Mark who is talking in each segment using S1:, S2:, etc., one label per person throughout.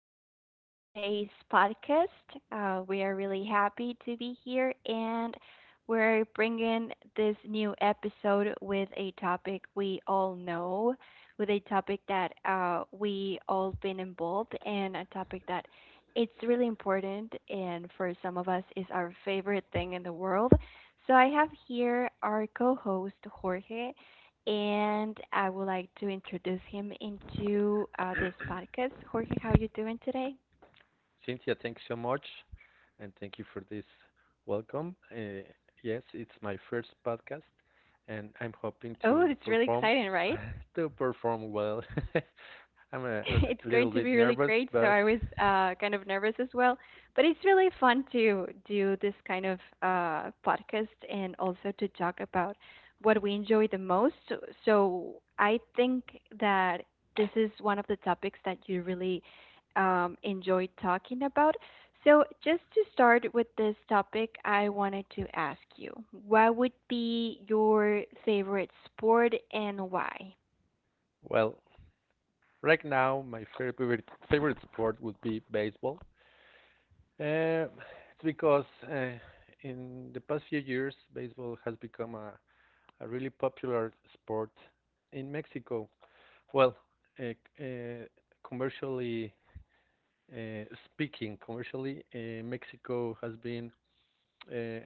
S1: today in today's podcast. We are really happy to be here and we're bringing this new episode with a topic we all know, with a topic that we all been involved and a topic that it's really important and for some of us is our favorite thing in the world. So I have here our co-host Jorge and I would like to introduce him into this podcast. Jorge, how are you doing today?
S2: Cynthia, thanks so much, and thank you for this welcome. Yes, it's my first podcast, and I'm hoping
S1: Oh,
S2: to
S1: it's really
S2: perform
S1: exciting, right?
S2: to perform well. I'm a, a
S1: It's going
S2: little
S1: to
S2: bit
S1: be really
S2: nervous,
S1: great. So
S2: but
S1: I was kind of nervous as well, but it's really fun to do this kind of podcast and also to talk about what we enjoy the most. So I think that this is one of the topics that you really enjoy talking about. So just to start with this topic, I wanted to ask you, what would be your favorite sport and why?
S2: well, right now my favorite sport would be baseball. Uh, it's because uh, in the past few years, baseball has become a really popular sport in Mexico. Well, uh, uh, commercially, speaking commercially, Mexico has been, uh,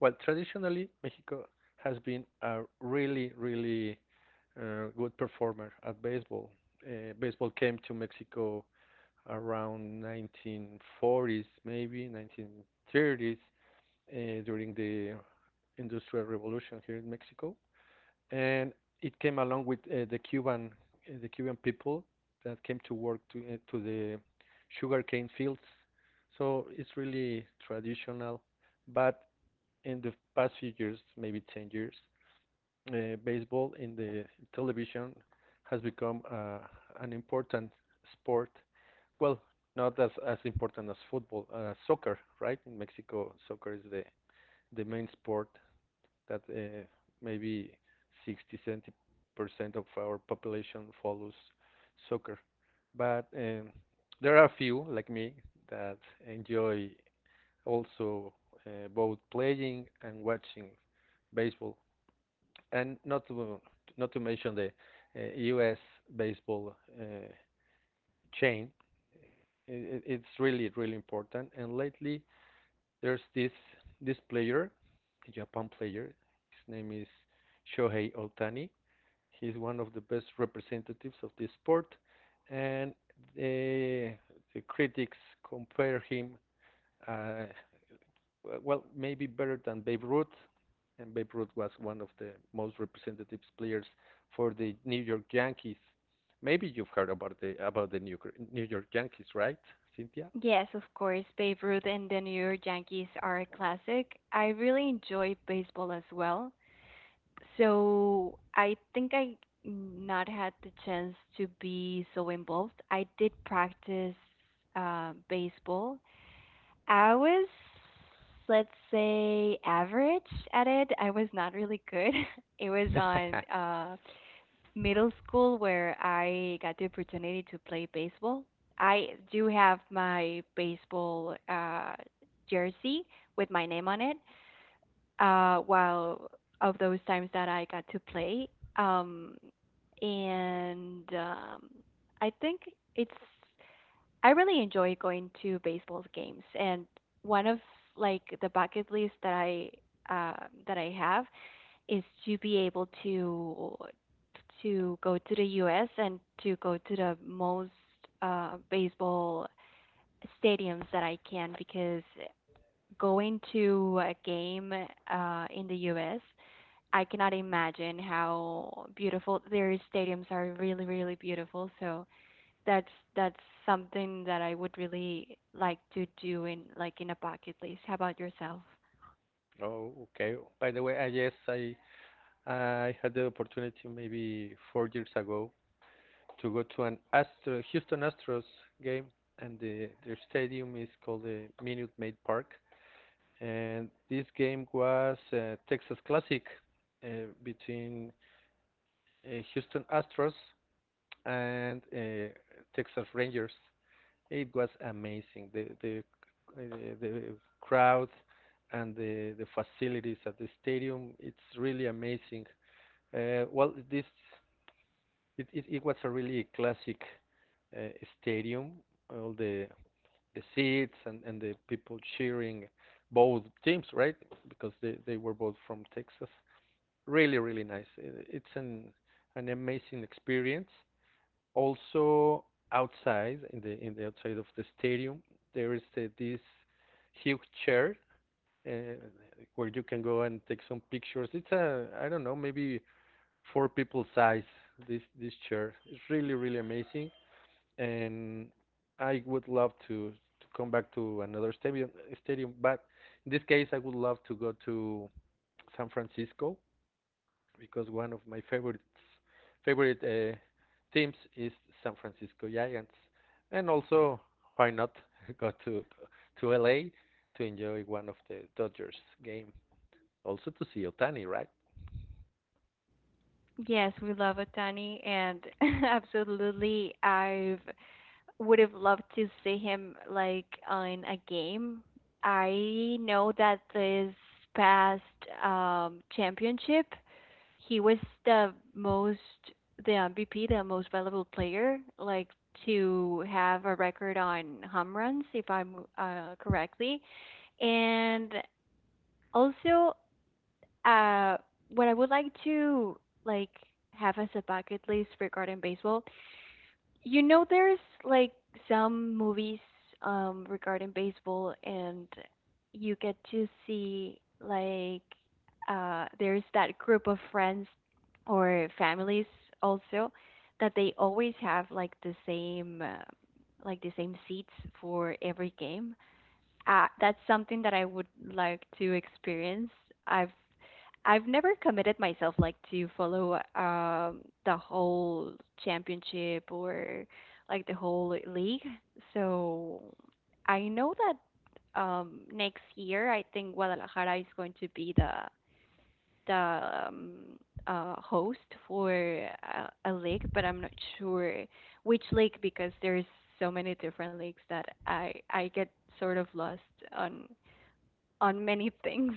S2: well, traditionally, Mexico has been a really, really good performer at baseball. Baseball came to Mexico around 1940s, maybe 1930s, during the Industrial Revolution here in Mexico, and it came along with the Cuban people that came to work to the sugarcane fields. So it's really traditional, but in the past few years, maybe 10 years, baseball in the television has become an important sport. Well, not as important as football, soccer, right? In Mexico, soccer is the main sport that maybe 60 70% of our population follows soccer, but there are a few like me that enjoy also both playing and watching baseball, and not to mention the US baseball chain. I It's really really important, and lately there's this player, a Japan player. His name is Shohei Ohtani. He's one of the best representatives of this sport, and the, the critics compare him, uh, maybe better than Babe Ruth. And Babe Ruth was one of the most representative players for the New York Yankees. Maybe you've heard about the New York Yankees, right, Cynthia?
S1: Yes, of course. Babe Ruth and the New York Yankees are a classic. I really enjoy baseball as well. So I think I not had the chance to be so involved. I did practice baseball. I was, let's say, average at it. I was not really good. It was on middle school where I got the opportunity to play baseball. I do have my baseball jersey with my name on it. While of those times that I got to play, um, and I think it's I really enjoy going to baseball games, and one of like the bucket list that I have is to be able to go to the U.S. and to go to the most baseball stadiums that I can because going to a game in the U.S. I cannot imagine how beautiful their stadiums are. Really, really beautiful. So that's that's something that I would really like to do in like in a bucket list. How about yourself?
S2: Oh, okay. By the way, I yes, I had the opportunity maybe 4 years ago to go to an Astro Houston Astros game, and their stadium is called the Minute Maid Park. And this game was a Texas Classic, uh, between Houston Astros and Texas Rangers. It was amazing. The crowd and the facilities at the stadium. It's really amazing. Well, this It was a really classic uh, stadium. All the seats, and the people cheering both teams, right? Because they were both from Texas. Really, really nice. It's an amazing experience. Also outside, in the outside of the stadium, there is this huge chair, uh, where you can go and take some pictures. It's a I don't know, maybe four people size, this chair. It's really really amazing, and I would love to come back to another stadium. But in this case, I would love to go to San Francisco, because one of my favorite teams is San Francisco Giants, and also why not go to LA to enjoy one of the Dodgers game. Also to see Otani, right?
S1: Yes, we love Otani, and absolutely, I would have loved to see him like in a game. I know that this past championship, he was the most, the MVP, the most valuable player, like to have a record on home runs, if I'm correctly. And also, uh, what I would like to like have as a bucket list regarding baseball, there's like some movies regarding baseball, and you get to see like there's that group of friends or families also that they always have like the same seats for every game that's something that I would like to experience. I've I've never committed myself like to follow the whole championship or like the whole league. So I know that next year I think Guadalajara is going to be the um, host for a lake, but I'm not sure which lake because there's so many different lakes that I get sort of lost on on many things.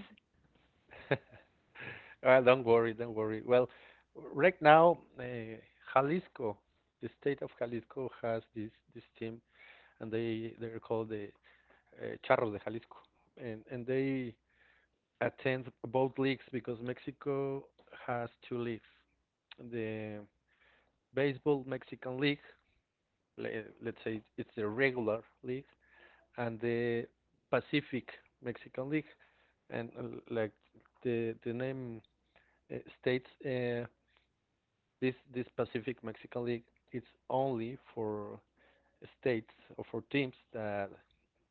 S2: Don't worry, don't worry. Well, right now, Jalisco, the state of Jalisco has this team, and they're called the Charros de Jalisco, and they attend both leagues, because Mexico has two leagues, the baseball Mexican League, let's say it's the regular league, and the Pacific Mexican League. And like the name states. This Pacific Mexican League, it's only for states or for teams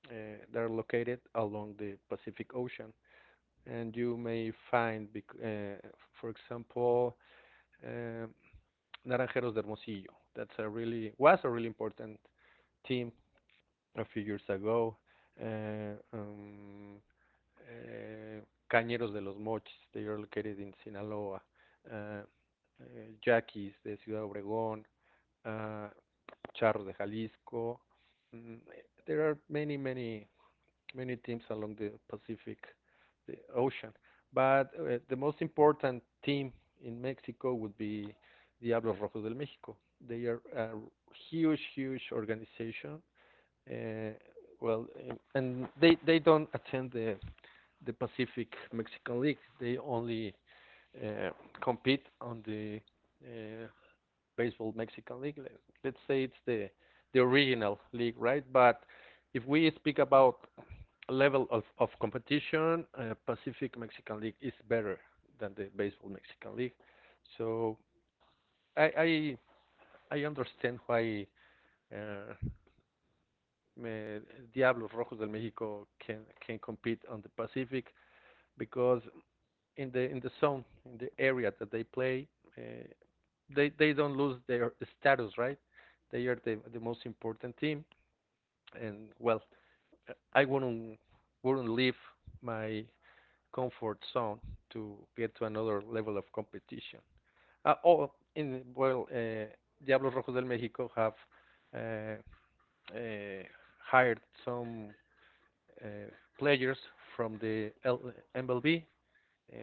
S2: uh, that are located along the Pacific Ocean, and you may find, uh, for example, um Naranjeros de Hermosillo. That's a really was a really important team a few years ago. Uh, um, uh, Cañeros de los Mochis, they are located in Sinaloa. Uh, uh, Yaquis de Ciudad Obregón, uh, Charros de Jalisco. Mm, There are many, many, many teams along the Ocean. But the most important team in Mexico would be Diablos Rojos del México. They are a huge, huge organization. Uh, and they don't attend the Pacific Mexican League. They only uh, compete on the uh, baseball Mexican league. Let us say it's the original league, right? But if we speak about level of competition, Pacific Mexican League is better than the baseball Mexican League. So I I, I understand why uh, Diablos Rojos del México can compete on the Pacific, because in the zone, in the area that they play, uh, they don't lose their status, right? They are the most important team, and well, I wouldn't leave my comfort zone to get to another level of competition. Uh, oh, in well, uh, Diablos Rojos del México have uh, uh, hired some uh, players from the MLB, uh,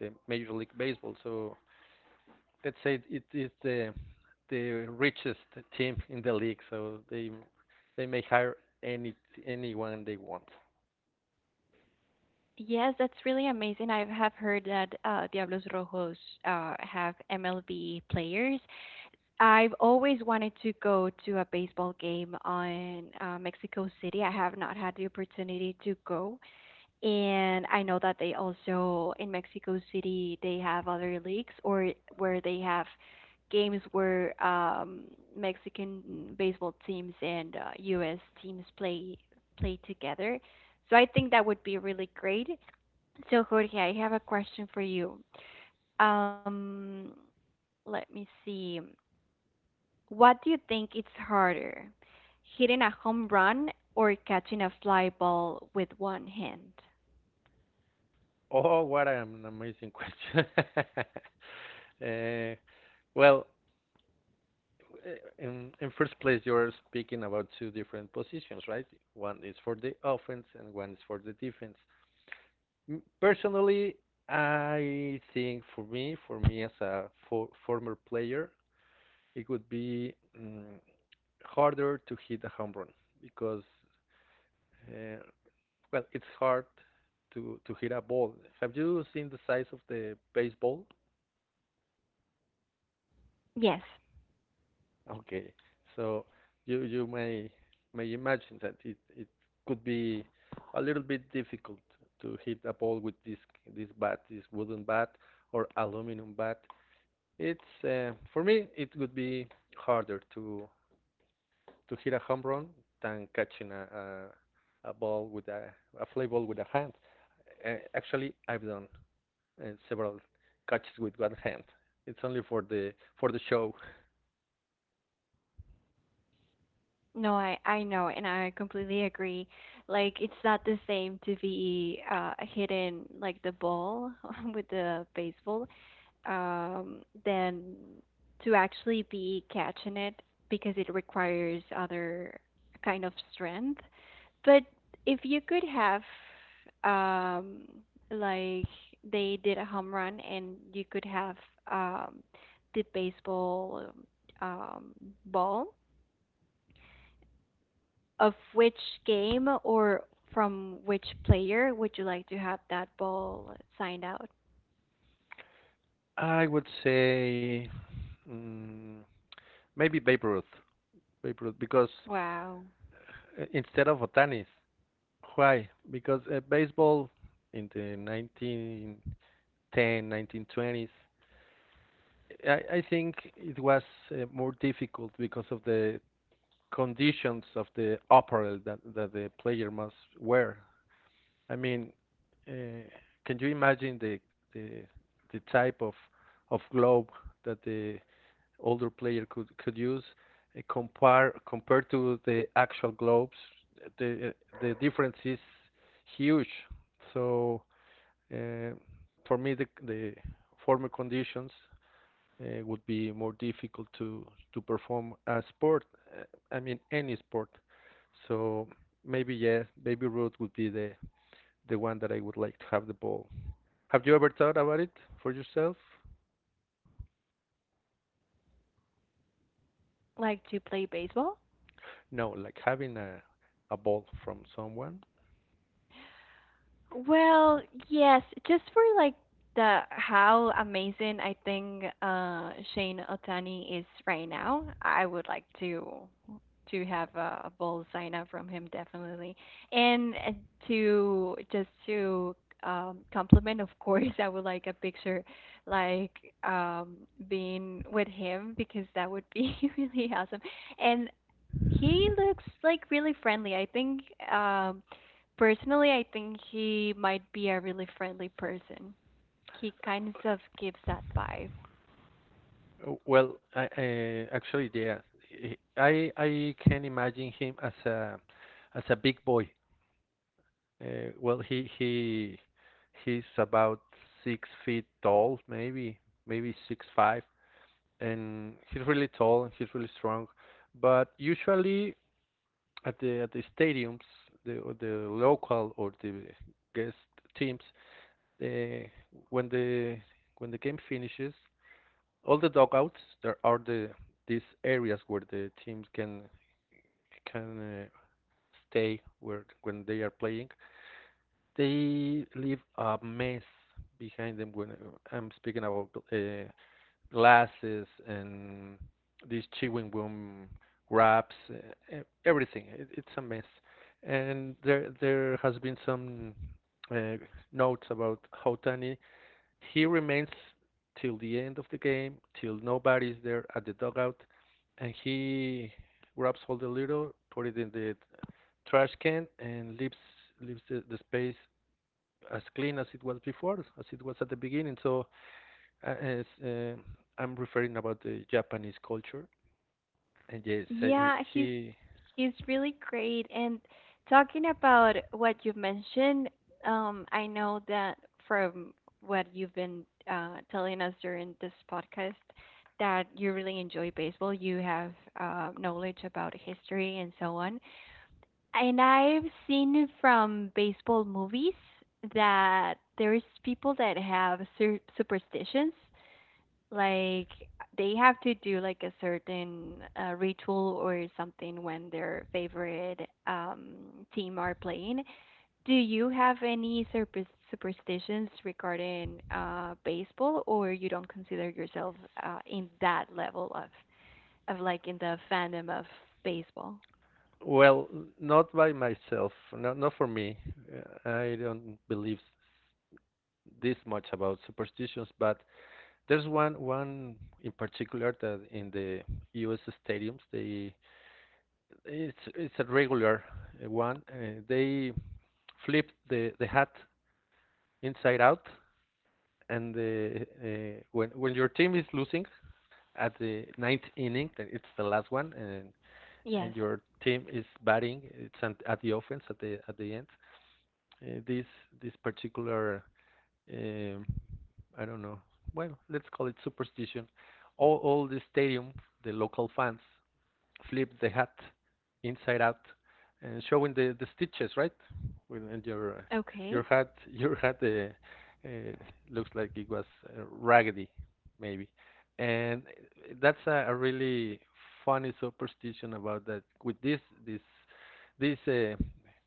S2: the Major League Baseball. So let's say it is the richest team in the league, so they may hire any anyone they want.
S1: Yes, that's really amazing. I have heard that Diablos Rojos have MLB players. I've always wanted to go to a baseball game on Mexico City. I have not had the opportunity to go, and I know that they also in Mexico City they have other leagues or where they have games where Mexican baseball teams and U.S. teams play together. So I think that would be really great. So Jorge, I have a question for you. Um, Let me see. What do you think it's harder, hitting a home run or catching a fly ball with one hand?
S2: Oh, what an amazing question! uh, well, eh, in first place, you're speaking about two different positions, right? One is for the offense and one is for the defense. Personally, I think for me as a former player, it would be harder to hit a home run, because, uh, it's hard to hit a ball. Have you seen the size of the baseball?
S1: Yes.
S2: Okay, so you may imagine that it could be a little bit difficult to hit a ball with this bat, this wooden bat or aluminum bat. It's for me, it would be harder to hit a home run than catching a ball with a fly ball with a hand. Actually, I've done several catches with one hand. It's only for the show.
S1: No, I know, and I completely agree. Like it's not the same to be hitting like the ball with the baseball than to actually be catching it because it requires other kind of strength. But if you could have um like they did a home run and you could have um the baseball um ball of which game or from which player would you like to have that ball signed out?
S2: I would say mm maybe Babe Ruth, because
S1: Wow.
S2: instead of Otanis. Why? Because baseball in the 1910, 1920s, I think it was more difficult because of the conditions of the apparel that the player must wear. I mean, uh, can you imagine the the type of glove that the older player could use, compared to the actual globes? The the difference is huge. So uh, for me, the former conditions would be more difficult to perform a sport. uh, I mean, any sport. So maybe yes, yeah, baby Ruth would be the one that I would like to have the ball. Have you ever thought about it for yourself?
S1: Like to play baseball?
S2: No, like having a ball from someone.
S1: Well, yes, just for like the how amazing I think Shane Otani is right now, I would like to have a bold sign up from him definitely. And to just to compliment of course, I would like a picture like um being with him because that would be really awesome. And he looks like really friendly. I think, um, personally, I think he might be a really friendly person. He kind of gives that vibe.
S2: Oh, well, I actually, yeah, I can imagine him as a big boy. Uh, well, he he he's about 6 feet tall, maybe 6'5", and he's really tall and he's really strong. But usually at the stadiums, the or the local or the guest teams, they, when the game finishes, all the dugouts, there are these areas where the teams can can uh, stay, where when they are playing they leave a mess behind them, when I'm speaking about glasses and these chewing gum wraps, everything. It's a mess, and there has been some uh, notes about Houtani. He remains till the end of the game, till nobody's there at the dugout, and he grabs all the litter, put it in the trash can, and leaves the space as clean as it was before, as it was at the beginning. So uh, as, uh, I'm referring about the Japanese culture, and yes.
S1: Yeah,
S2: He.
S1: he's really great. And talking about what you have mentioned, I know that from what you've been telling us during this podcast that you really enjoy baseball. You have knowledge about history and so on. And I've seen from baseball movies that there's people that have superstitions, like they have to do like a certain ritual or something when their favorite um, team are playing. Do you have any superstitions regarding baseball, or you don't consider yourself in that level of like in the fandom of baseball?
S2: Well, not by myself, not for me. I don't believe this much about superstitions, but there's one in particular that in the U.S. stadiums they, it's a regular one. They flip the hat inside out, and when your team is losing at the ninth inning, then it's the last one, and
S1: Yes.
S2: your team is batting, at the offense at the end. Uh, this this particular, um, I don't know, well, let's call it superstition. All the stadium, the local fans flip the hat inside out, and showing the stitches, right? And your
S1: Okay.
S2: hat your hat looks like it was raggedy, maybe. And that's a really funny superstition about that. With this this this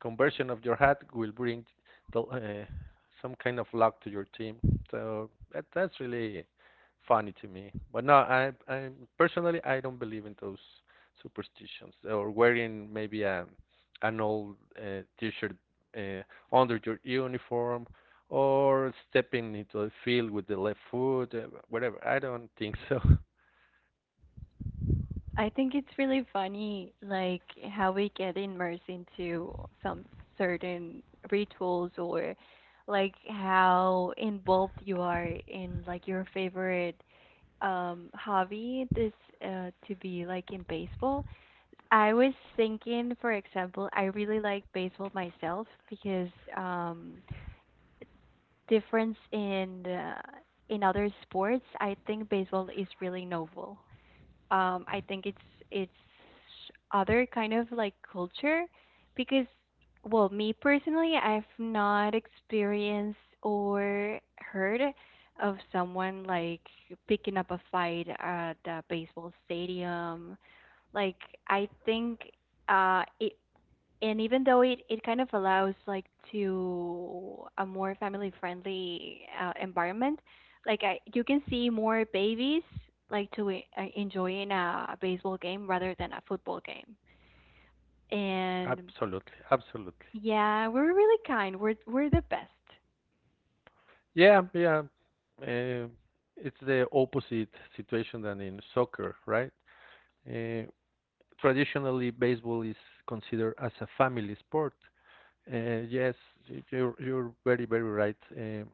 S2: conversion of your hat will bring the, uh, some kind of luck to your team. So that's really funny to me. But no, I personally, I don't believe in those superstitions, or wearing maybe an old t-shirt uh, under your uniform, or stepping into the field with the left foot, whatever. I don't think so.
S1: I think it's really funny, like how we get immersed into some certain rituals or like how involved you are in like your favorite hobby this to be like in baseball. I was thinking, for example, I really like baseball myself because um difference in other sports, I think baseball is really novel, I think it's other kind of like culture because well me personally I've not experienced or heard of someone like picking up a fight at a baseball stadium like I think it and even though it kind of allows like to a more family friendly environment like you can see more babies like to enjoying a baseball game rather than a football game and
S2: Absolutely, absolutely.
S1: yeah we're really kind we're the best
S2: Yeah, yeah. Uh, it's the opposite situation than in soccer, right? Uh, Traditionally, baseball is considered as a family sport. Yes, you're very right. Uh,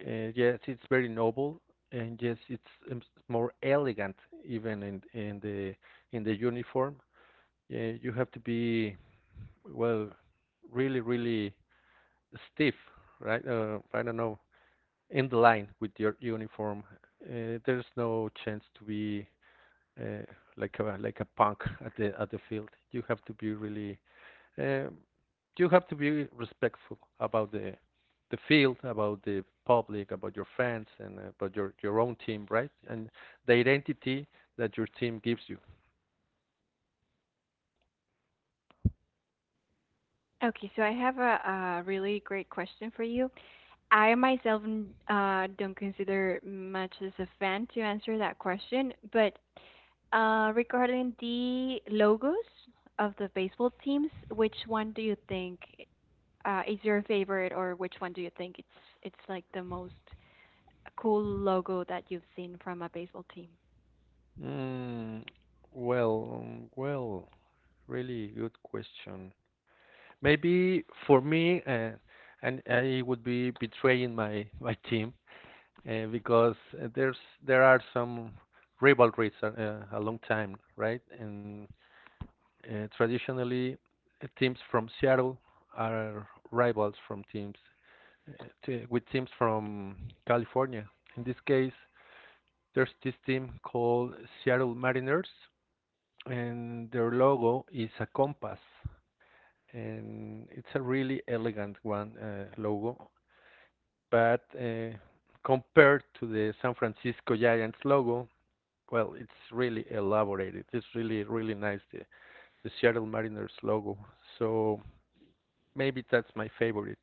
S2: Uh, Yes, it's very noble, and yes, it's more elegant, even in in the uniform. Yeah, you have to be well, really, really stiff, right? I don't know, in the line with your uniform. There's no chance to be uh, like a punk at the field. You have to be really uh, you have to be respectful about the field, about the public, about your fans, and about your own team, right? And the identity that your team gives you.
S1: okay so I have a really great question for you I myself don't consider much as a fan to answer that question, but regarding the logos of the baseball teams, which one do you think is your favorite, or which one do you think it's like the most cool logo that you've seen from a baseball team?
S2: Mm, well, really good question. Maybe for me, and I would be betraying my team because uh, there's there are some rivalries a long time, right? And traditionally, teams from Seattle are rivals from teams with teams from California. In this case, there's this team called Seattle Mariners, and their logo is a compass, and it's a really elegant one logo. But compared to the San Francisco Giants logo, well, it's really elaborated. It's really really nice the Seattle Mariners logo. So maybe that's my favorite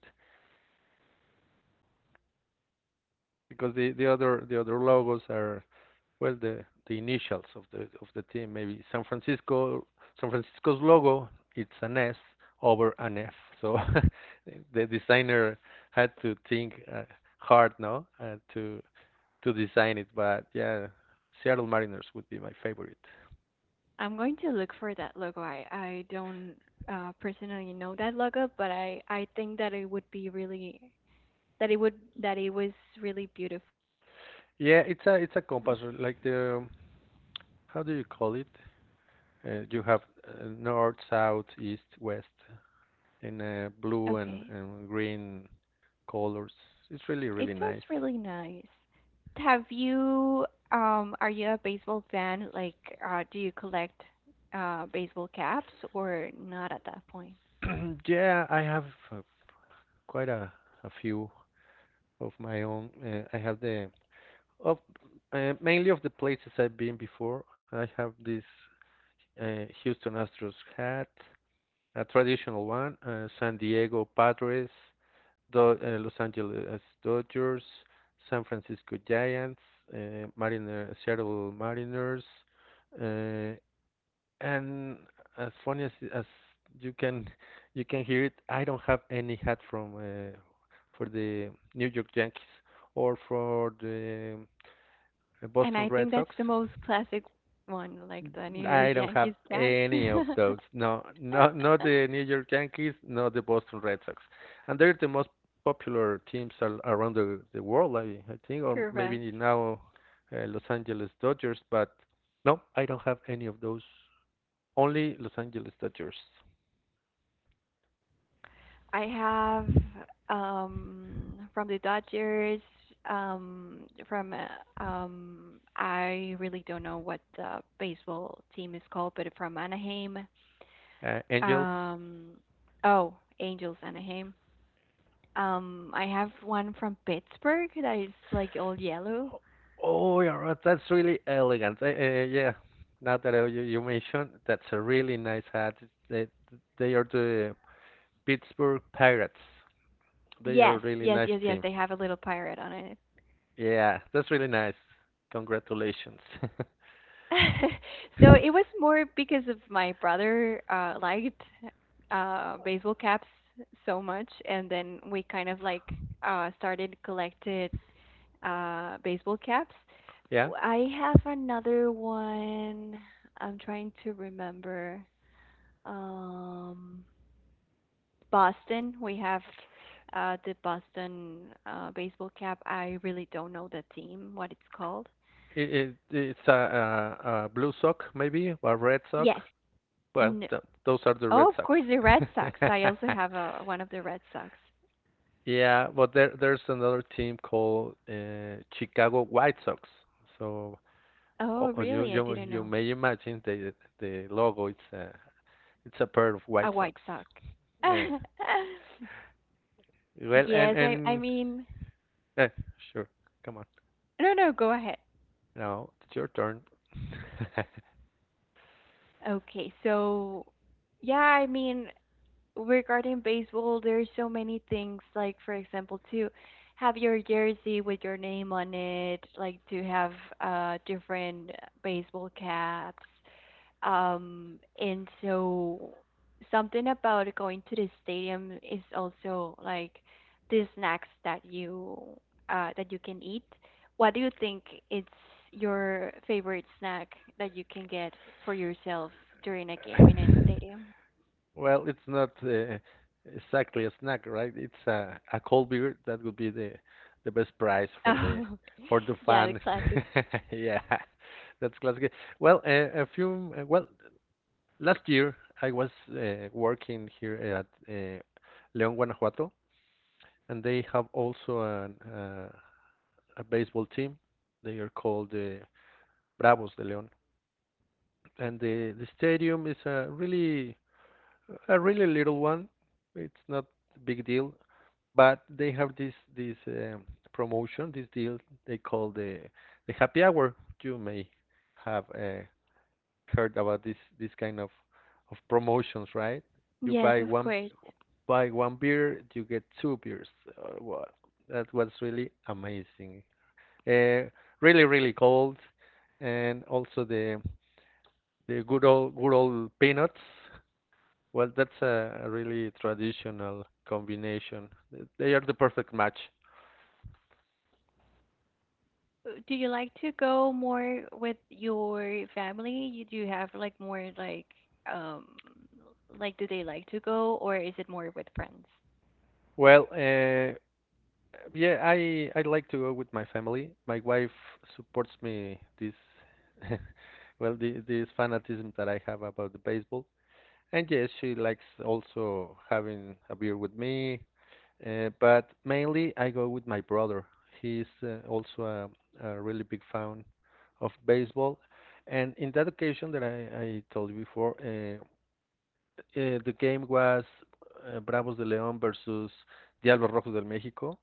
S2: because the other the other logos are well, the initials of the team. Maybe San Francisco, San Francisco's logo, it's an S over an F. So the designer had to think hard now to design it. But yeah, Seattle Mariners would be my favorite.
S1: I'm going to look for that logo. I don't personally know that logo, but I think that it would be really that it would that it was really beautiful.
S2: Yeah, it's a compass, like the, how do you call it, you have north, south, east, west in blue and,
S1: Okay.
S2: and green colors. It's really,
S1: It
S2: really
S1: sounds
S2: nice.
S1: really nice. Have you, are you a baseball fan? Like, do you collect baseball caps or not at that point?
S2: Yeah, I have uh, quite a few of my own. I have the of mainly of the places I've been before. I have this Houston Astros hat, a traditional one, San Diego Padres, Los Angeles Dodgers, San Francisco Giants, Seattle Mariners, uh, and as funny as you can, you can hear it, I don't have any hat from for the New York Yankees or for the
S1: And
S2: Boston
S1: I
S2: Red
S1: think that's
S2: Sox.
S1: the most classic one, like the New
S2: I
S1: York
S2: don't have
S1: Yankees cap.
S2: any of those. No, not not the New York Yankees, not the Boston Red Sox, and they're the most popular teams around the world, I think. Or maybe
S1: Correct.
S2: now Los Angeles Dodgers. But no, I don't have any of those. Only Los Angeles Dodgers.
S1: I have from the Dodgers, um, from I really don't know what the baseball team is called, but from Anaheim.
S2: Angels.
S1: Um, oh, Angels Anaheim. I have one from Pittsburgh that is like all yellow.
S2: Oh, yeah, right, that's really elegant. Yeah, now that you mentioned, that's a really nice hat. They, they are the Pittsburgh Pirates. They are a
S1: Yes,
S2: really
S1: yes,
S2: nice
S1: yes, yes.
S2: team.
S1: They have a little pirate on it.
S2: Yeah, that's really nice. Congratulations.
S1: So it was more because of my brother liked baseball caps so much, and then we kind of like started collected baseball caps.
S2: Yeah,
S1: W- I have another one. I'm trying to remember. Um, Boston. We have the Boston baseball cap. I really don't know the team, what it's called.
S2: it's a blue sock, maybe, or red sock.
S1: Yes.
S2: Well,
S1: No.
S2: th those are the
S1: Oh,
S2: Red
S1: of
S2: Sox.
S1: course, the Red Sox. I also have one of the Red Sox.
S2: Yeah, but there's another team called Chicago White Sox. So
S1: Oh,
S2: you
S1: really? I
S2: you
S1: didn't
S2: you
S1: know.
S2: may imagine the logo. It's a, it's a pair of
S1: A
S2: White
S1: White
S2: Sox.
S1: Sox.
S2: Yeah. Well,
S1: Yes, I
S2: and
S1: mean,
S2: eh, sure. Come on.
S1: no, no, go ahead.
S2: Now it's your turn.
S1: Okay, so yeah, I mean, regarding baseball, there's so many things like for example to have your jersey with your name on it, like to have different baseball caps. And so something about going to the stadium is also like the snacks that you can eat. What do you think it's your favorite snack that you can get for yourself during a game in a stadium?
S2: Well, it's not exactly a snack, right? It's a cold beer. That would be the best prize
S1: Oh,
S2: for the
S1: yeah, the
S2: fan.
S1: classic.
S2: Yeah, that's classic. Well, a few. Well, last year, I was working here at León, Guanajuato, and they have also a baseball team. They are called the Bravos de León, and the stadium is a really, a really little one. It's not a big deal, but they have this promotion, this deal, they call the happy hour. You may have heard about this kind of promotions, right? You
S1: Yes,
S2: buy
S1: of
S2: one
S1: course.
S2: buy one beer, you get two beers. Uh, wa- That was really amazing. Uh, really, really cold, and also the good old, good old peanuts. Well, that's a really traditional combination. They are the perfect match.
S1: Do you like to go more with your family? You do have like more um like do they like to go or is it more with friends?
S2: Well, yeah, I like to go with my family. My wife supports me this well, this fanatism that I have about the baseball. And yes, she likes also having a beer with me, but mainly I go with my brother. He's also a really big fan of baseball. And in that occasion that I told you before, the game was Bravos de León versus Diablos Rojos del México,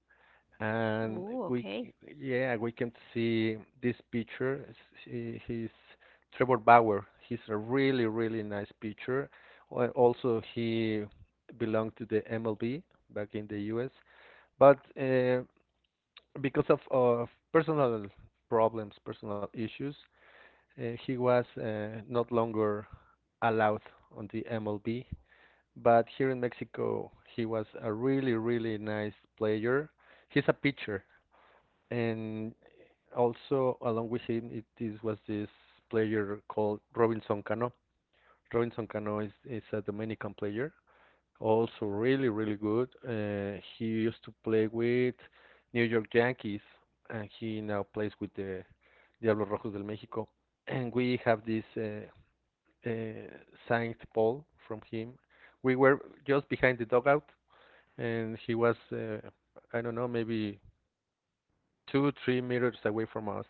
S2: and
S1: Oh,
S2: we,
S1: okay.
S2: yeah, we can see this picture. He's Trevor Bauer. He's a really, really nice pitcher. Also, he belonged to the MLB back in the US, but because of personal problems, personal issues, he was not longer allowed on the MLB. But here in Mexico, he was a really, really nice player. He's a pitcher. And also along with him, it is was this player called Robinson Cano. Robinson Cano is a Dominican player, also really really good. He used to play with New York Yankees, and he now plays with the Diablos Rojos del México. And we have this uh, signed ball from him. We were just behind the dugout, and he was I don't know, maybe 2-3 meters away from us,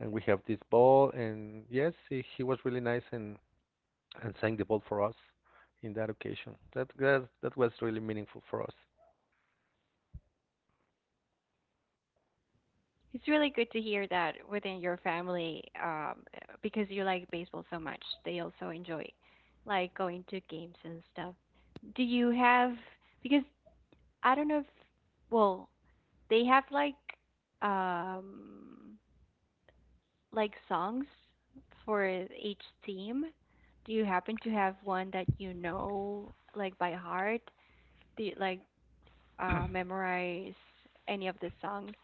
S2: and we have this ball, and yes, he was really nice and sang the ball for us in that occasion that was really meaningful for us.
S1: It's really good to hear that within your family, because you like baseball so much, they also enjoy like going to games and stuff. Do you have, because I don't know if, well, they have um like songs for each theme? Do you happen to have one that you know like by heart? Do you like memorize any of the songs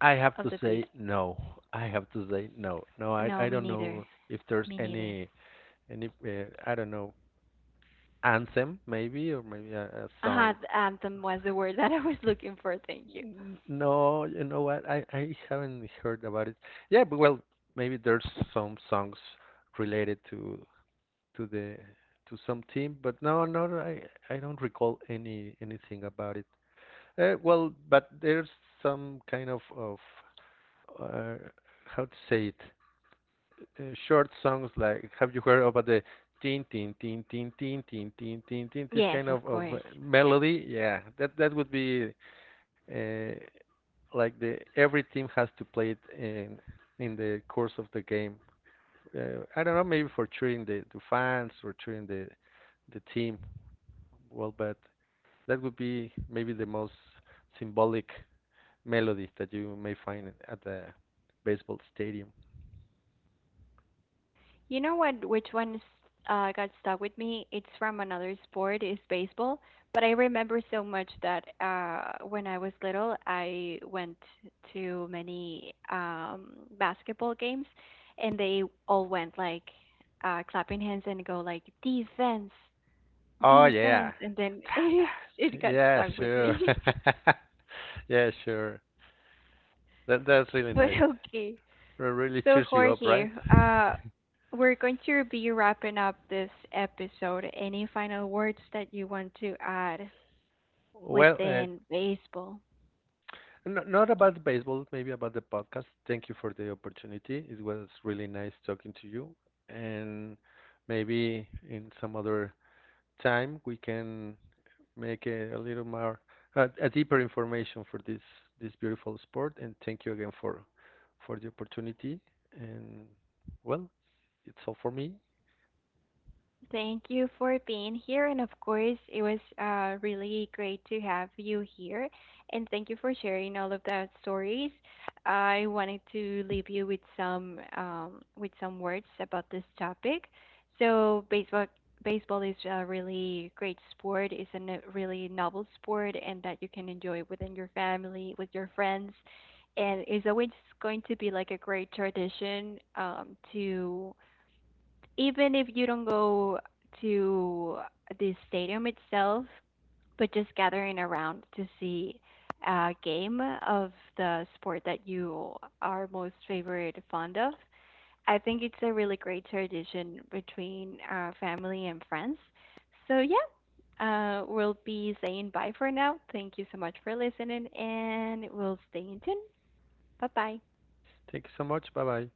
S2: i have
S1: of
S2: to
S1: the bass?
S2: say no I have to say no, i
S1: No,
S2: i
S1: me
S2: don't know
S1: neither.
S2: if there's
S1: Me neither.
S2: any I don't know, anthem maybe, or maybe a
S1: Ah,
S2: song.
S1: the anthem was the word that I was looking for. Thank you.
S2: No, you know what, I haven't heard about it. Yeah, but well, maybe there's some songs related to the to some team, but no, no, no, I don't recall anything about it. Well, but there's some kind of uh, how to say it, short songs, like, have you heard about the tin tin tin tin tin tin tin tin tin, this
S1: Yes,
S2: kind
S1: of
S2: of
S1: course.
S2: melody? Yeah, that that would be uh, like, the every team has to play it in the course of the game. I don't know, maybe for cheering the fans, or cheering the team. Well, but that would be maybe the most symbolic melody that you may find at the baseball stadium.
S1: You know what? Which one got stuck with me? It's from another sport, is baseball. But I remember so much that when I was little, I went to many basketball games, and they all went like clapping hands and go like defense,
S2: Oh
S1: defense,
S2: yeah,
S1: and then it got
S2: yeah,
S1: stuck with
S2: sure,
S1: me.
S2: yeah, sure. That that's really
S1: But
S2: nice.
S1: okay.
S2: It really
S1: So,
S2: cheers you up, right?
S1: Jorge, we're going to be wrapping up this episode. Any final words that you want to add
S2: Well,
S1: within baseball?
S2: not about baseball, maybe about the podcast. Thank you for the opportunity. It was really nice talking to you, and maybe in some other time we can make a little more a deeper information for this this beautiful sport. And thank you again for the opportunity. And well, it's all for me.
S1: Thank you for being here. And of course, it was really great to have you here. And thank you for sharing all of those stories. I wanted to leave you with some words about this topic. So baseball is a really great sport. It's a really novel sport, and that you can enjoy within your family, with your friends, and it's always going to be like a great tradition to even if you don't go to the stadium itself, but just gathering around to see a game of the sport that you are most favorite fond of. I think it's a really great tradition between family and friends. So yeah, we'll be saying bye for now. Thank you so much for listening, and we'll stay in tune. Bye bye.
S2: Thank you so much. Bye bye.